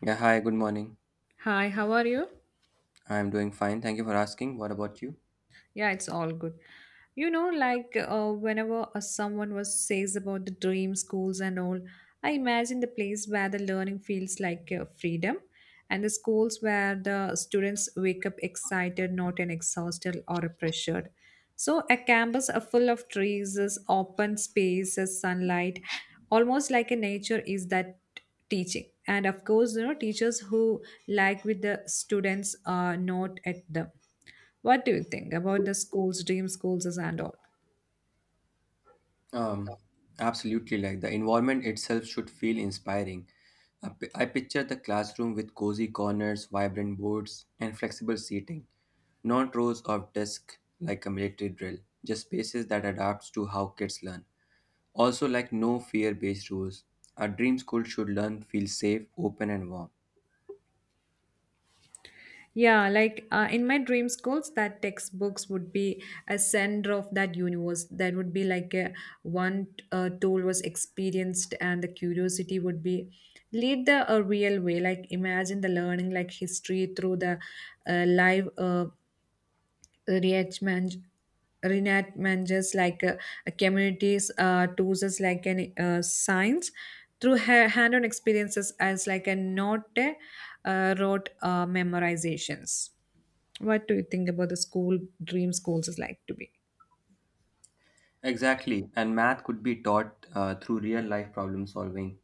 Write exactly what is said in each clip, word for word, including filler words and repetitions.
Yeah, hi, good morning. Hi, how are you? I'm doing fine. Thank you for asking. What about you? Yeah, it's all good. You know, like uh, whenever uh, someone was says about the dream schools and all, I imagine the place where the learning feels like uh, freedom, and the schools where the students wake up excited, not an exhausted or pressured. So a campus uh, full of trees, is open spaces, sunlight, almost like a nature is that teaching. And of course, you know, teachers who like with the students are not at them. What do you think about the schools, dream schools, and all? Um, absolutely. Like the environment itself should feel inspiring. I pi- I picture the classroom with cozy corners, vibrant boards, and flexible seating, not rows of desks like a military drill, just spaces that adapts to how kids learn. Also, like no fear-based rules. A dream school should learn feel safe, open, and warm. Yeah, like uh, in my dream schools, that textbooks would be a center of that universe. That would be like a one uh, tool was experienced, and the curiosity would be lead the a real way. Like imagine the learning, like history through the uh, live uh, reenactment reenactments like uh, communities uh, tools like an uh, science through ha- hand-on experiences as like a not a uh, rote uh, memorizations. What do you think about the school dream schools is like to be? Exactly. And math could be taught uh, through real-life problem solving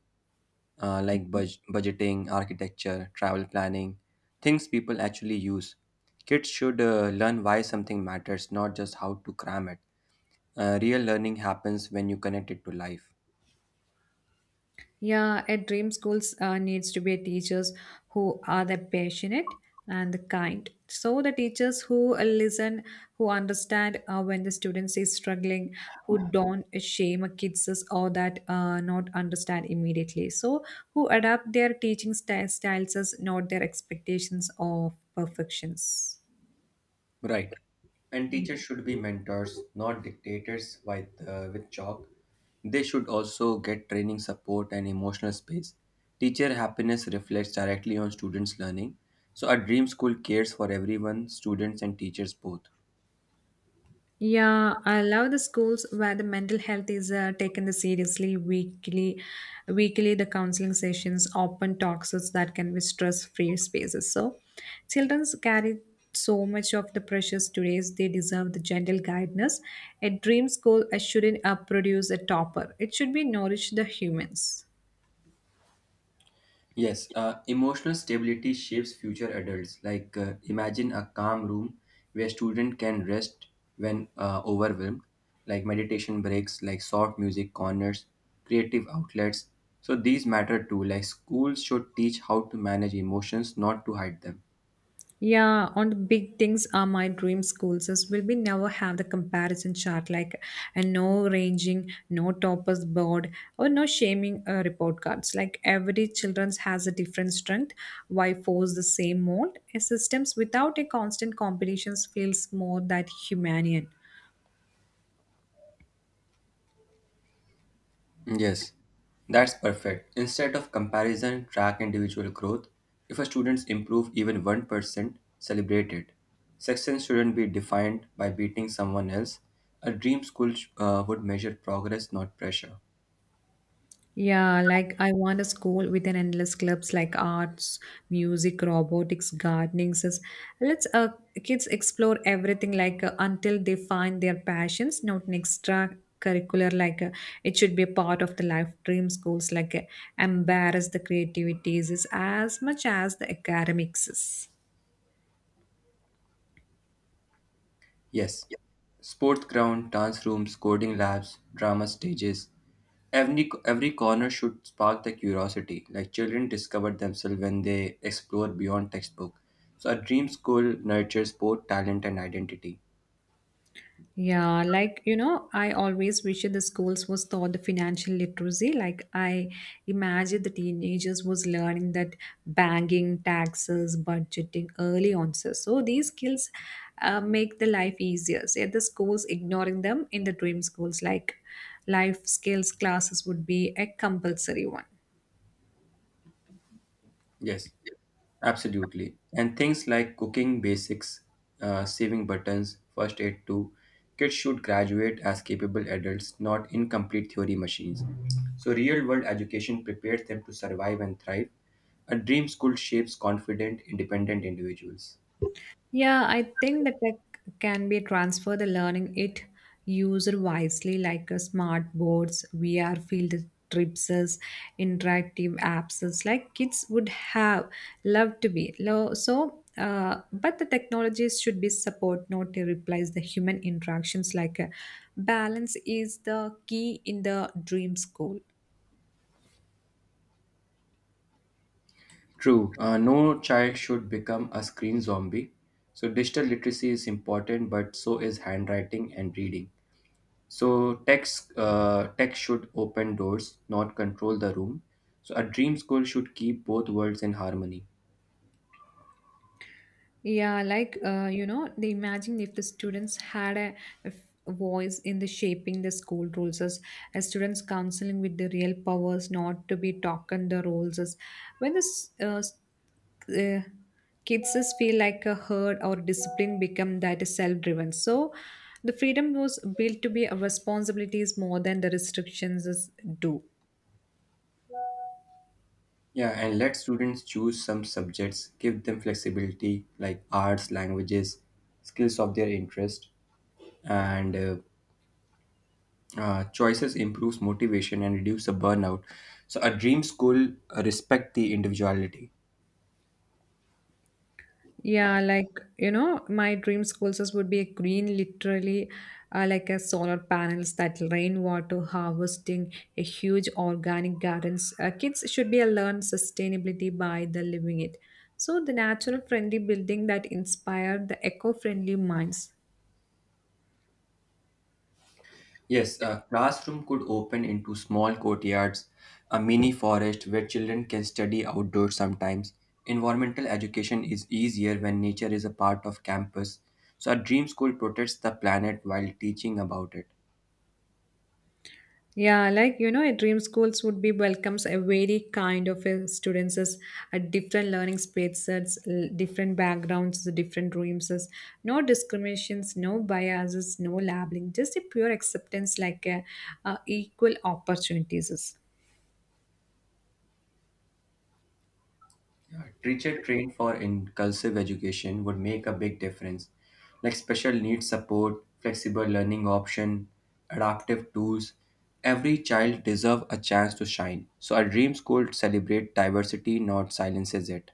uh, like budg- budgeting, architecture, travel planning, things people actually use. Kids should uh, learn why something matters, not just how to cram it. Uh, real learning happens when you connect it to life. Yeah, at dream schools uh, needs to be teachers who are the passionate and the kind. So the teachers who uh, listen, who understand uh, when the students is struggling, who don't shame kids or that uh, not understand immediately. So who adapt their teaching sty- styles, as not their expectations of perfections. Right. And teachers should be mentors, not dictators with, uh, with chalk. They should also get training support and emotional space. Teacher happiness reflects directly on students' learning. So, a dream school cares for everyone, students and teachers both. Yeah, I love the schools where the mental health is uh, taken the seriously weekly. Weekly, the counseling sessions, open talks so that can be stress-free spaces. So, children carry so much of the pressures today. They deserve the gentle guidance. A dream school uh, shouldn't uh, produce a topper. It should be nourish the humans. Yes, uh, emotional stability shapes future adults. Like, uh, imagine a calm room where student can rest when uh, overwhelmed, like meditation breaks, like soft music corners, creative outlets. So these matter too. Like schools should teach how to manage emotions, not to hide them. Yeah, on the big things are my dream schools as will we never have the comparison chart like and no ranging, no toppers board, or no shaming uh, report cards. Like every children's has a different strength. Why force the same mold? A systems without a constant competitions feels more that humanian. Yes, that's perfect. Instead of comparison, track individual growth. If a student improves even one percent, celebrate it. Success shouldn't be defined by beating someone else. A dream school sh- uh, would measure progress, not pressure. Yeah, like I want a school with an endless clubs like arts, music, robotics, gardening. says- Let's uh, kids explore everything like uh, until they find their passions, not an extra curricular like uh, it should be a part of the life dream schools like uh, embarrass the creativities is as much as the academics is. Yes, sports ground, dance rooms, coding labs, drama stages. Every, every corner should spark the curiosity, like children discover themselves when they explore beyond textbook. So a dream school nurtures both talent and identity. Yeah, like you know, I always wish the schools was taught the financial literacy. Like I imagine the teenagers was learning that banking, taxes, budgeting early on. So, so these skills uh, make the life easier. Say the schools ignoring them in the dream schools, like life skills classes would be a compulsory one. Yes, absolutely. And things like cooking basics, uh, saving buttons, first aid too. Kids should graduate as capable adults, not incomplete theory machines. So, real world education prepares them to survive and thrive. A dream school shapes confident, independent individuals. Yeah, I think the tech can be transfer the learning it user wisely like a smart boards, V R field trips, as interactive apps as like kids would have loved to be. Lo- So, uh, but the technologies should be support not to replace the human interactions like a balance is the key in the dream school. True, uh, no child should become a screen zombie. So, digital literacy is important, but so is handwriting and reading. So text uh, tech should open doors, not control the room. So a dream school should keep both worlds in harmony. Yeah, like uh, you know, they imagine if the students had a a voice in the shaping the school rules as, as students counseling with the real powers not to be talking the roles as when the s- uh, s- uh, kids is feel like a herd or discipline become that is self-driven. So the freedom was built to be a responsibilities more than the restrictions is do. Yeah, and let students choose some subjects, give them flexibility like arts, languages, skills of their interest, and uh, uh, choices improves motivation and reduce the burnout. So a dream school uh, respect the individuality. Yeah, like you know, my dream school just would be a green, literally, uh, like a solar panels that rainwater harvesting, a huge organic gardens. Uh, kids should be uh, learn sustainability by the living it. So the natural friendly building that inspired the eco friendly minds. Yes, a classroom could open into small courtyards, a mini forest where children can study outdoors sometimes. Environmental education is easier when nature is a part of campus, so a dream school protects the planet while teaching about it. Yeah, like you know, a dream schools would be welcomes a very kind of uh, students as a different learning spaces, l- different backgrounds, different dreams, as no discriminations, no biases, no labeling, just a pure acceptance, like uh, uh, equal opportunities. Yeah, teacher trained for inclusive education would make a big difference, like special needs support, flexible learning option, adaptive tools. Every child deserves a chance to shine. So a dream school celebrate diversity, not silences it.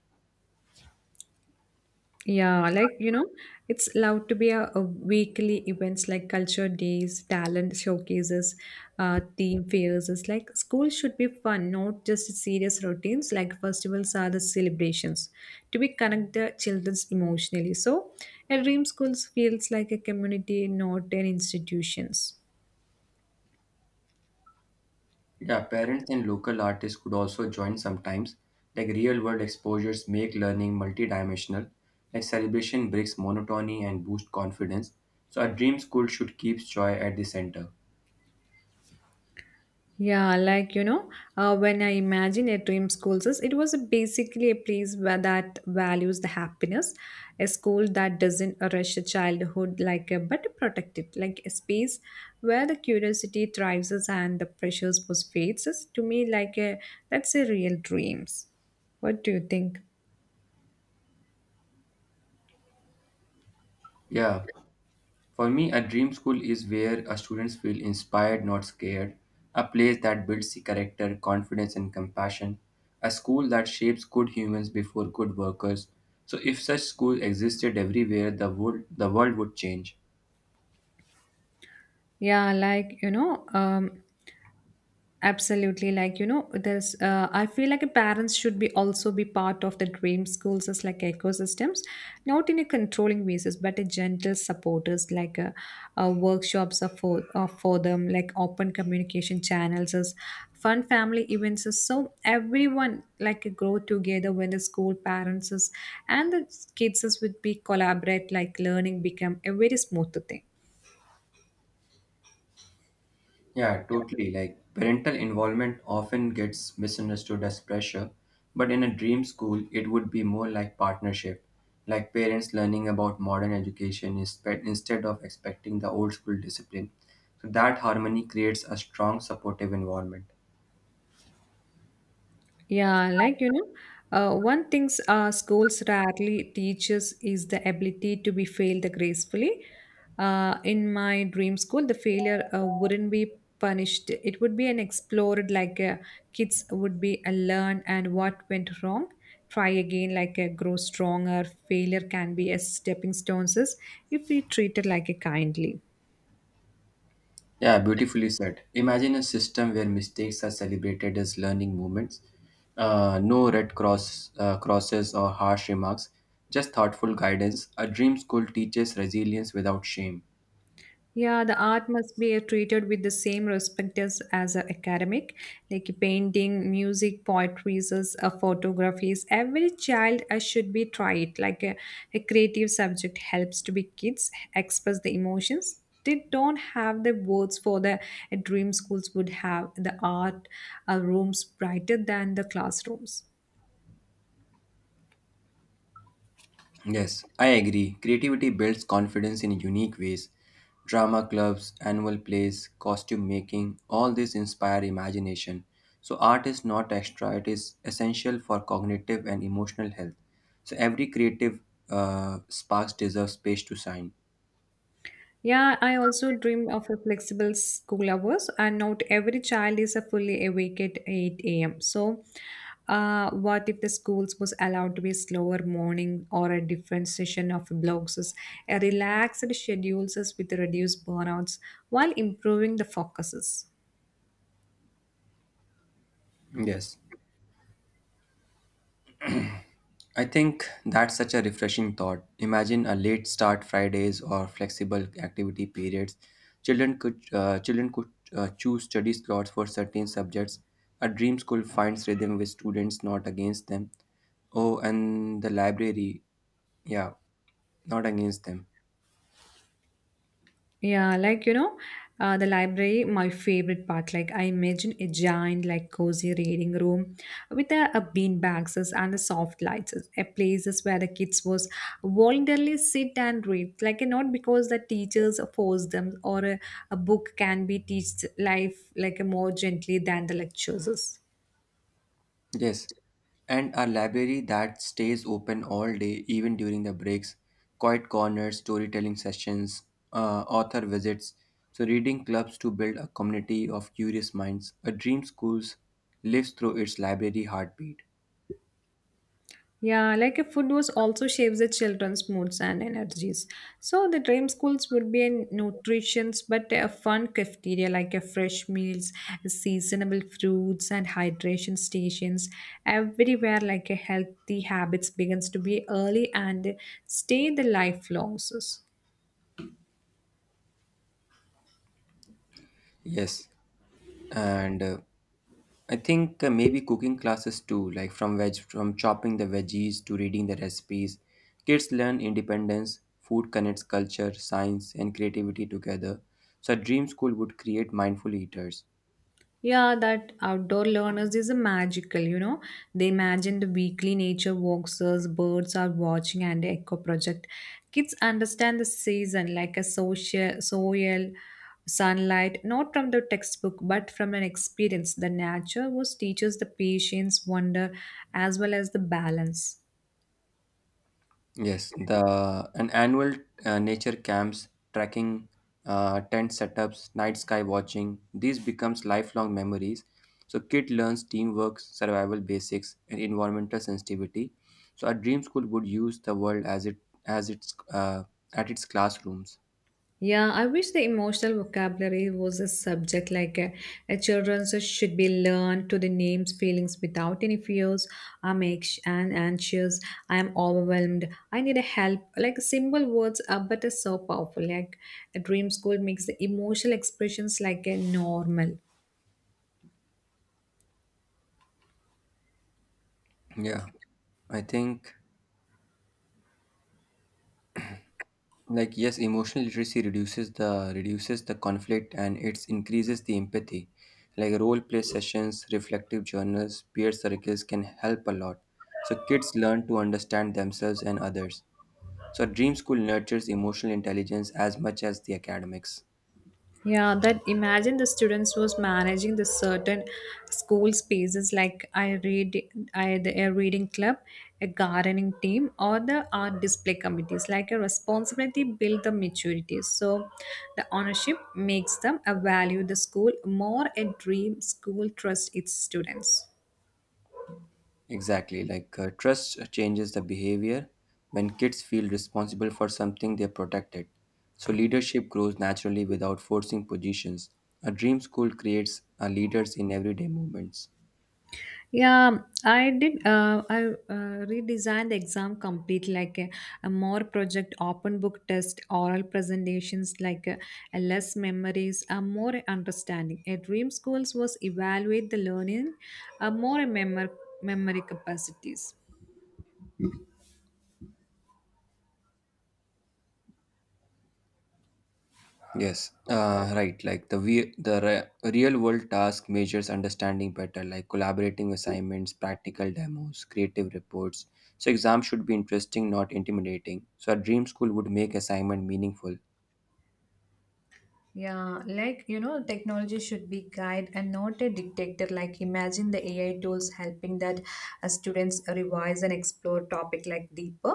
Yeah, like you know, it's allowed to be a, a weekly events like culture days, talent showcases, uh, theme fairs. It's like school should be fun, not just serious routines. Like festivals are the celebrations to be connect the childrens emotionally. So, a dream schools feels like a community, not an institutions. Yeah, parents and local artists could also join sometimes. Like real world exposures make learning multidimensional. Like celebration breaks monotony and boost confidence. So a dream school should keep joy at the center. Yeah, like you know, uh, when I imagine a dream school, says it was a basically a place where that values the happiness, a school that doesn't rush a childhood like a, but protect it, like a space where the curiosity thrives us and the pressures was fades. Is To me, like a that's a real dreams. What do you think? Yeah. For me, a dream school is where a students feel inspired, not scared, a place that builds the character, confidence, and compassion, a school that shapes good humans before good workers. So, if such school existed everywhere, the world, the world would change. Yeah, like you know, um, absolutely. Like, you know, there's, uh, I feel like parents should be also be part of the dream schools as like ecosystems, not in a controlling basis, but a gentle supporters like uh, uh, workshops are for, are for them, like open communication channels, as fun family events. Is, so everyone like grow together when the school parents is, and the kids is would be collaborate, like learning become a very smooth thing. Yeah, totally. Like parental involvement often gets misunderstood as pressure, but in a dream school, it would be more like partnership, like parents learning about modern education inspe- instead of expecting the old school discipline. So that harmony creates a strong supportive environment. Yeah, like you know, uh, one things uh, schools rarely teaches is the ability to be failed gracefully. Uh, in my dream school, the failure uh, wouldn't be punished; it would be an explored. Like uh, kids would be a learn and what went wrong, try again. Like a grow stronger. Failure can be a stepping stones is if we treat it like a kindly. Yeah, beautifully said. Imagine a system where mistakes are celebrated as learning moments, uh, no red cross uh, crosses or harsh remarks, just thoughtful guidance. A dream school teaches resilience without shame. Yeah, the art must be treated with the same respect as, as a academic, like painting, music, poetry, uh, photographies. Every child uh, should be tried. Like a, a creative subject helps to be kids express the emotions. They don't have the words for the uh, dream schools would have the art uh, rooms brighter than the classrooms. Yes, I agree. Creativity builds confidence in unique ways. Drama clubs, annual plays, costume making, all this inspire imagination. So, art is not extra, it is essential for cognitive and emotional health. So, every creative uh, sparks deserves space to shine. Yeah, I also dream of a flexible school hours, and not every child is a fully awake at eight a m. So, uh, what if the schools was allowed to be slower morning or a different session of blocks, is a relaxed schedules is with reduced burnouts while improving the focuses. Yes. I think that's such a refreshing thought. Imagine a late start Fridays or flexible activity periods. Children could uh, children could uh, choose study slots for certain subjects. A dream school finds rhythm with students, not against them. Oh, and the library, yeah, not against them. Yeah, like you know, uh, the library, my favorite part. Like I imagine a giant, like cozy reading room with the uh, bean bags and the soft lights, a places where the kids was voluntarily sit and read. Like and not because the teachers force them, or a, a book can be teach life like a more gently than the lectures. Yes, and a library that stays open all day, even during the breaks, quiet corners, storytelling sessions, uh, author visits. So, reading clubs to build a community of curious minds. A dream schools lives through its library heartbeat. Yeah, like if food was also shapes the children's moods and energies. So the dream schools would be a nutrition's but a fun cafeteria like a fresh meals, seasonable fruits and hydration stations. Everywhere like a healthy habits begins to be early and stay the lifelong. Yes, and uh, I think uh, maybe cooking classes too, like from veg, from chopping the veggies to reading the recipes. Kids learn independence, food connects culture, science, and creativity together. So, a dream school would create mindful eaters. Yeah, that outdoor learners is a magical, you know. They imagine the weekly nature walks, as birds are watching, and the eco project. Kids understand the season like a social soil, sunlight, not from the textbook, but from an experience. The nature was teaches the patience, wonder, as well as the balance. Yes, the an annual uh, nature camps, trekking, uh, tent setups, night sky watching. These becomes lifelong memories. So kid learns teamwork, survival basics, and environmental sensitivity. So a dream school would use the world as it as its uh, at its classrooms. Yeah, I wish the emotional vocabulary was a subject like a, a children's should be learned to the names, feelings without any fears. I'm anx- and anxious. I'm overwhelmed. I need a help. Like simple words are but are so powerful. Like a dream school makes the emotional expressions like a normal. Yeah, I think like yes emotional literacy reduces the reduces the conflict and it increases the empathy, like role play sessions, reflective journals, peer circles can help a lot. So kids learn to understand themselves and others. So dream school nurtures emotional intelligence as much as the academics. Yeah, that imagine the students was managing the certain school spaces like I read I the a reading club, a gardening team, or the art display committees. Like a responsibility build the maturity. So the ownership makes them a value the school more a dream school trust its students. Exactly, like uh, trust changes the behavior when kids feel responsible for something they protected. So leadership grows naturally without forcing positions. A dream school creates uh, leaders in everyday moments. Yeah, I did. Uh, I uh, redesigned the exam complete like a, a more project open book test, oral presentations like a, a less memories, a more understanding. At Dream Schools was evaluate the learning, a more memory memory capacities. Yes, uh, right. Like the we the re- real world task measures understanding better, like collaborating assignments, practical demos, creative reports. So exams should be interesting, not intimidating. So a dream school would make assignment meaningful. Yeah, like you know, technology should be guide and not a dictator. Like imagine the A I tools helping that uh, students revise and explore topic like deeper,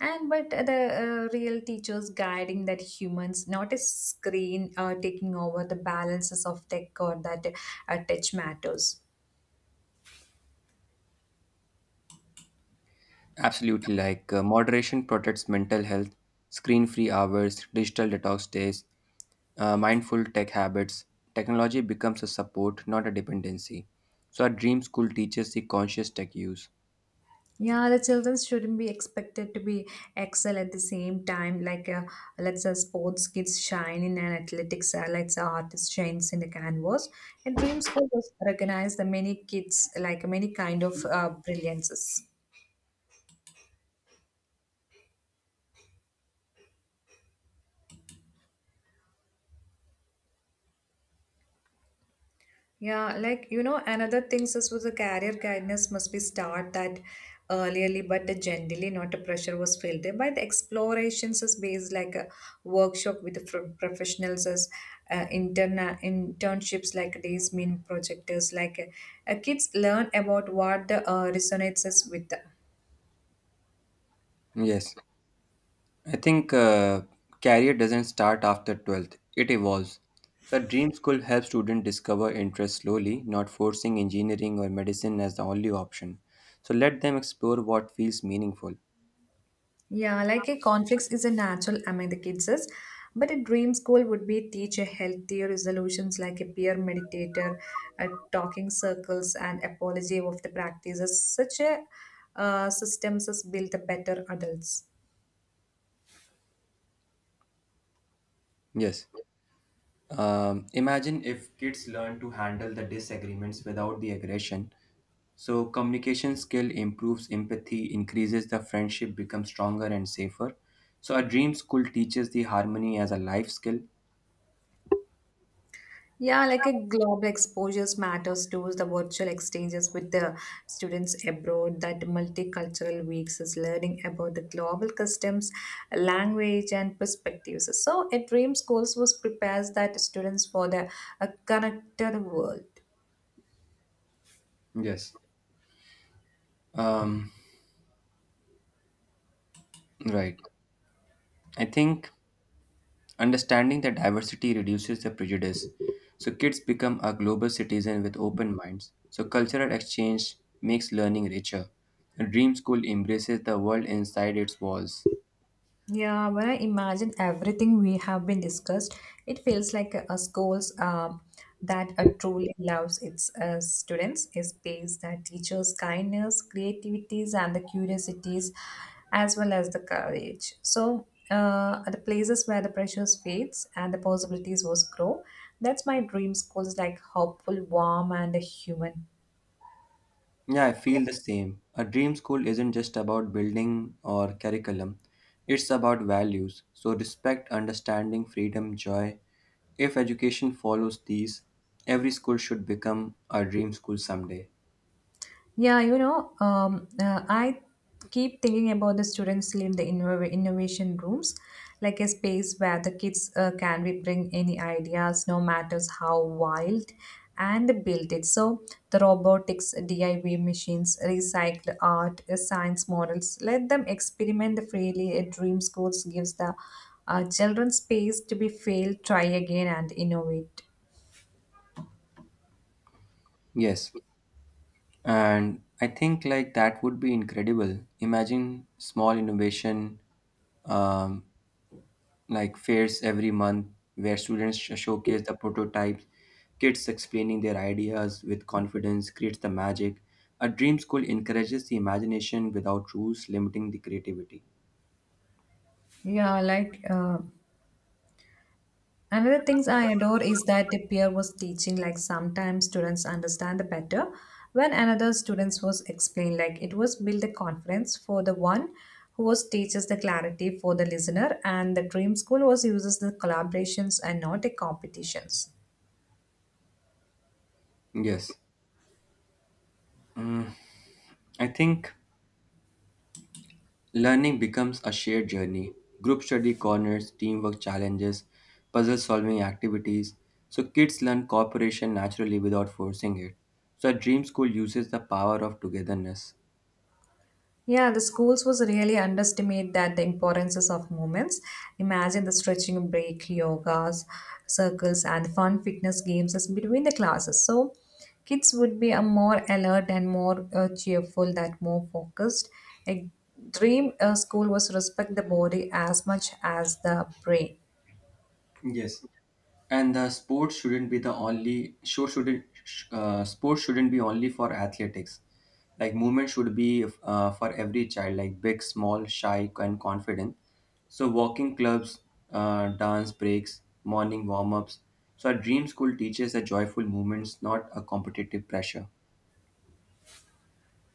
and but the uh, real teachers guiding that humans, not a screen uh, taking over the balances of tech or that uh, touch matters. Absolutely, like uh, moderation protects mental health, screen free hours, digital detox days, uh, mindful tech habits. Technology becomes a support, not a dependency. So, our dream school teaches the conscious tech use. Yeah, the children shouldn't be expected to be excel at the same time. Like, uh, let's say sports kids shine in an athletics, uh, let's say artists shines in the canvas. And dream school was recognize the many kids, like many kind of uh, brilliances. Yeah, like you know, another things is with the career guidance must be start that earlierly, but the generally not a pressure was felt there. By the explorations is based like a workshop with the pro- professionals as uh, interna internships like these mean projectors like uh, uh, kids learn about what the uh, resonates is with them. Yes, I think uh, career doesn't start after twelfth, it evolves. So, our dream school helps students discover interests slowly, not forcing engineering or medicine as the only option. So, let them explore what feels meaningful. Yeah, like a conflicts is a natural among the kids, is, but a dream school would be teach a healthier resolutions like a peer meditator, a talking circles, and apology of the practices. Such a uh, systems as build the better adults. Yes. Um, imagine if kids learn to handle the disagreements without the aggression. So communication skill improves empathy, increases the friendship, becomes stronger and safer. So a dream school teaches the harmony as a life skill. Yeah, like a global exposures matters to the virtual exchanges with the students abroad. That multicultural weeks is learning about the global customs, language, and perspectives. So, a dream schools was prepares that students for the a connected world. Yes. Um, right. I think understanding that diversity reduces the prejudice. So kids become a global citizen with open minds. So cultural exchange makes learning richer. A dream school embraces the world inside its walls. Yeah, when I imagine everything we have been discussed, it feels like a, a schools um, that uh, truly loves its uh, students, a space that teaches kindness, creativities, and the curiosities, as well as the courage. So, uh, the places where the pressures fades and the possibilities was grow. That's my dream schools like hopeful, warm, and human. Yeah, I feel the same. A dream school isn't just about building or curriculum, it's about values. So, respect, understanding, freedom, joy. If education follows these, every school should become a dream school someday. Yeah, you know, um, uh, I keep thinking about the students live in the innov- innovation rooms, like a space where the kids uh, can be bring any ideas, no matters how wild, and build it. So the robotics, D I Y machines, recycled art, uh, science models, let them experiment freely. A dream schools gives the uh, children space to be fail, try again, and innovate. Yes, and I think like that would be incredible. Imagine small innovation, um, like fairs every month where students sh- showcase the prototypes, kids explaining their ideas with confidence creates the magic. A dream school encourages the imagination without rules limiting the creativity. Yeah, like uh, another things I adore is that the peer was teaching like sometimes students understand the better when another students was explained like it was build a conference for the one who was teaches the clarity for the listener and the dream school was uses the collaborations and not the competitions. Yes, I think learning becomes a shared journey. Group study corners, teamwork challenges, puzzle solving activities. So kids learn cooperation naturally without forcing it. So a dream school uses the power of togetherness. Yeah, the schools was really underestimate that the importances of movements. Imagine the stretching break, yogas, circles, and fun fitness games as between the classes. So kids would be a more alert and more uh, cheerful, that more focused. A dream uh, school was respect the body as much as the brain. Yes. And the sport shouldn't be the only show, shouldn't sh- uh, sports shouldn't be only for athletics. Like movement should be uh, for every child, like big, small, shy and confident. So walking clubs, uh, dance breaks, morning warm-ups. So our dream school teaches a joyful movements, not a competitive pressure.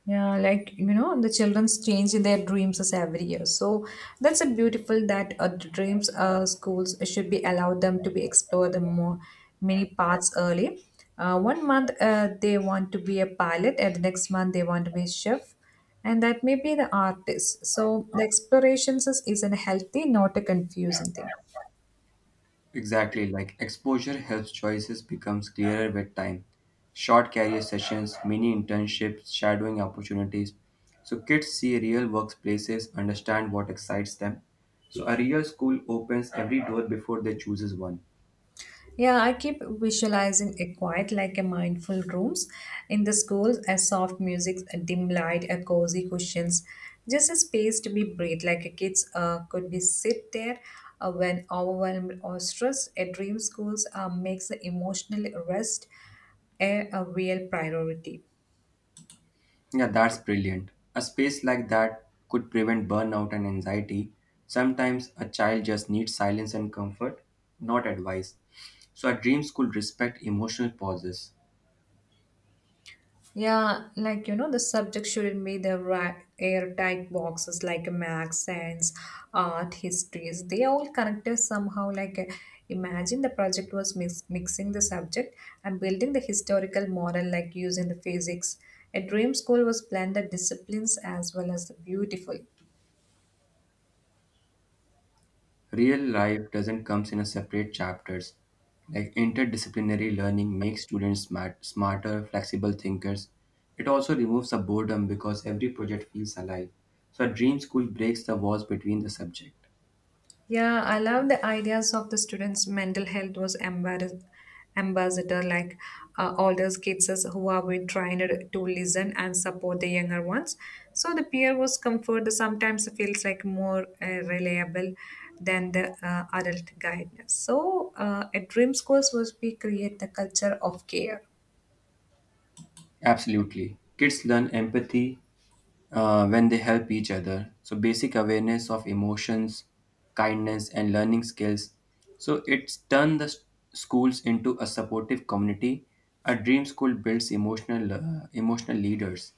Yeah, like you know, the children's change in their dreams is every year. So that's a beautiful that uh, the dreams uh, schools should be allowed them to be explore the more many paths early. Uh, one month uh, they want to be a pilot, and the next month they want to be a chef, and that may be the artist. So the explorations is, is a healthy, not a confusing thing. Exactly, like exposure helps choices becomes clearer with time. Short career sessions, mini internships, shadowing opportunities. So kids see real workplaces, understand what excites them. So a real school opens every door before they chooses one. Yeah, I keep visualizing a quiet like a mindful rooms. In the schools, a soft music, a dim light, a cozy cushions, just a space to be breathe. Like a kids uh, could be sit there uh, when overwhelmed or stressed. A dream schools uh, makes the emotional rest a, a real priority. Yeah, that's brilliant. A space like that could prevent burnout and anxiety. Sometimes a child just needs silence and comfort, not advice. So a dream school respect emotional pauses. Yeah, like you know, the subject shouldn't be the ra- airtight boxes like math, science, art, histories. They all connected somehow. Like, uh, imagine the project was mix- mixing the subject and building the historical model, like using the physics. A dream school was blended disciplines as well as the beautiful. Real life doesn't comes in a separate chapters. Like interdisciplinary learning makes students smart, smarter, flexible thinkers. It also removes the boredom because every project feels alive. So a dream school breaks the walls between the subject. Yeah, I love the ideas of the students' mental health was embarrass- ambassador like uh, all those kids as who have been trained to listen and support the younger ones. So the peer was comfort sometimes feels like more uh, reliable than the uh, adult guidance. So uh, at Dream Schools was we create the culture of care. Absolutely. Kids learn empathy uh, when they help each other. So, basic awareness of emotions, kindness, and learning skills. So, it's turned the s- schools into a supportive community. A dream school builds emotional, uh, emotional leaders.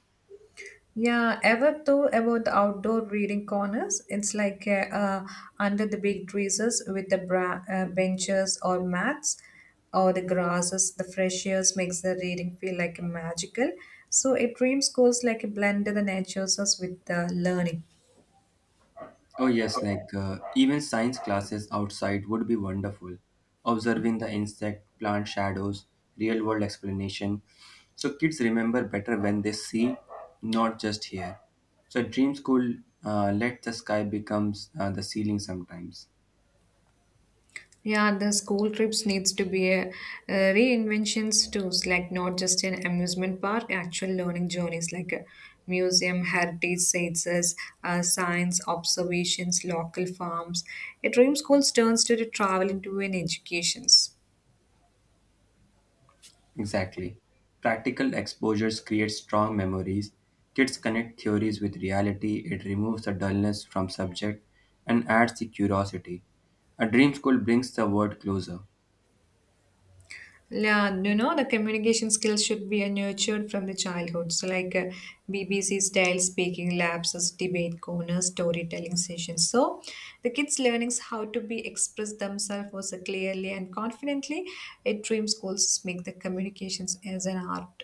Yeah, ever though about the outdoor reading corners, it's like uh, uh, under the big trees with the bra- uh, benches or mats or the grasses, the fresh airs makes the reading feel like magical. So it dreams goes like a blend of the natures with the learning. Oh, yes, like uh, even science classes outside would be wonderful. Observing the insect, plant shadows, real world explanation. So kids remember better when they see, not just hear. So at dream school, uh, let the sky becomes uh, the ceiling sometimes. Yeah, the school trips needs to be a, a reinventions too. It's like not just an amusement park, actual learning journeys like a museum, heritage sites, as, uh, science observations, local farms. A dream school turns to the travel into an educations. Exactly. Practical exposures create strong memories. Kids connect theories with reality. It removes the dullness from subject and adds the curiosity. A dream school brings the world closer. Yeah, you know, the communication skills should be uh, nurtured from the childhood. So, like uh, B B C style speaking labs, as debate corners, storytelling sessions. So, the kids' learnings how to be express themselves also clearly and confidently. At dream schools, make the communications as an art.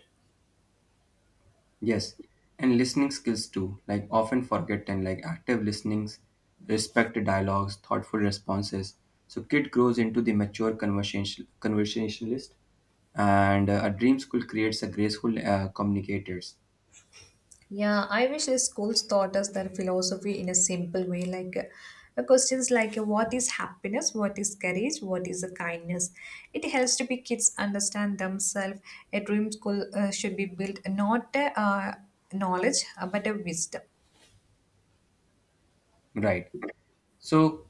Yes, and listening skills too, like often forgotten, like active listenings, respect dialogues, thoughtful responses. So kid grows into the mature conversation conversationalist, and uh, a dream school creates a graceful uh, communicators. Yeah, I wish the schools taught us their philosophy in a simple way, like uh, the questions like uh, what is happiness, what is courage, what is uh, kindness. It helps to be kids understand themselves. A dream school uh, should be built not uh, knowledge uh, but a wisdom. Right. So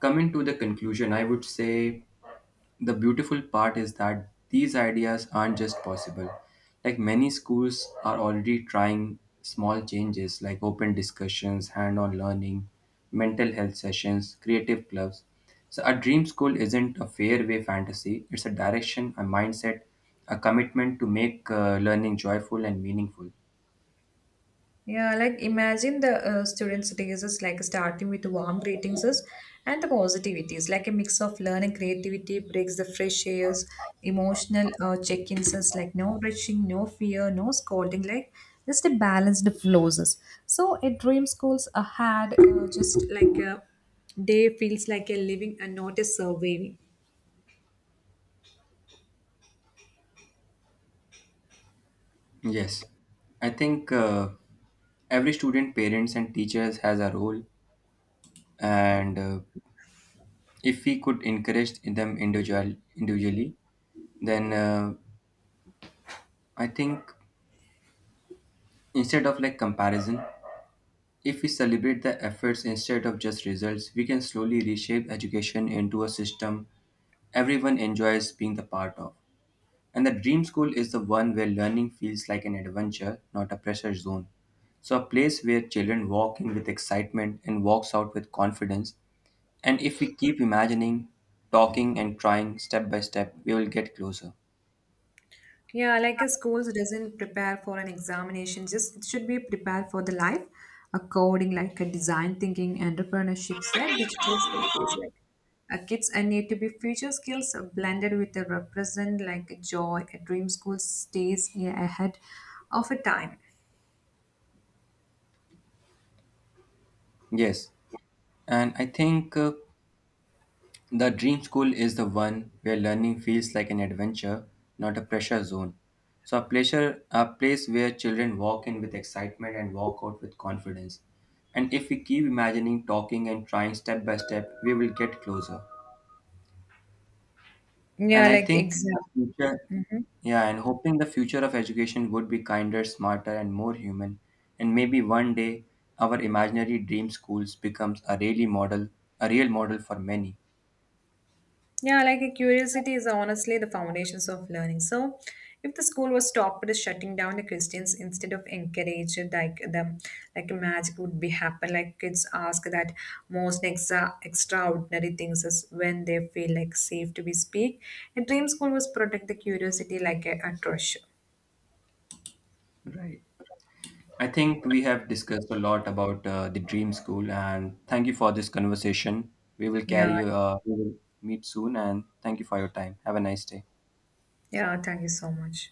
coming to the conclusion, I would say the beautiful part is that these ideas aren't just possible. Like many schools are already trying small changes like open discussions, hand on learning, mental health sessions, creative clubs. So, a dream school isn't a fairway fantasy, it's a direction, a mindset, a commitment to make uh, learning joyful and meaningful. Yeah, like imagine the uh, students' days is like starting with warm greetings is- and the positivities, like a mix of learning, creativity, breaks the fresh airs, emotional uh, check-ins is like no rushing, no fear, no scolding, like just a balanced flows. Is. So a dream schools uh, had uh, just like a day feels like a living and not a surviving. Yes, I think uh, every student, parents, and teachers has a role, and uh, if we could encourage them individual individually, then uh, I think instead of like comparison, if we celebrate the efforts instead of just results, we can slowly reshape education into a system everyone enjoys being the part of. And the dream school is the one where learning feels like an adventure, not a pressure zone. So, a place where children walk in with excitement and walks out with confidence. And if we keep imagining, talking, and trying step by step, we will get closer. Yeah, like a schools doesn't prepare for an examination, just it should be prepared for the life, a coding like a design thinking, entrepreneurship set, digital skills like uh, kids and need to be future skills uh, blended with a represent like a joy, a dream school stays yeah, ahead of a time. Yes. And I think uh, The dream school is the one where learning feels like an adventure, not a pressure zone. So a pleasure, a place where children walk in with excitement and walk out with confidence. And if we keep imagining, talking and trying step by step, we will get closer. Yeah, And I like think exam. the future Yeah, and hoping the future of education would be kinder, smarter and more human. And maybe one day our imaginary dream schools becomes a really model a real model for many. Yeah, like a curiosity is honestly the foundations of learning. So, if the school was stopped shutting down the Christians instead of encourage it, like the like magic would be happen. Like kids ask that most extra extraordinary things is when they feel like safe to be speak. A dream school was protect the curiosity like a, a treasure. Right. I think we have discussed a lot about uh, the dream school, and thank you for this conversation. We will Yeah, carry. Uh, we will meet soon, and thank you for your time. Have a nice day. yeah. Thank you so much.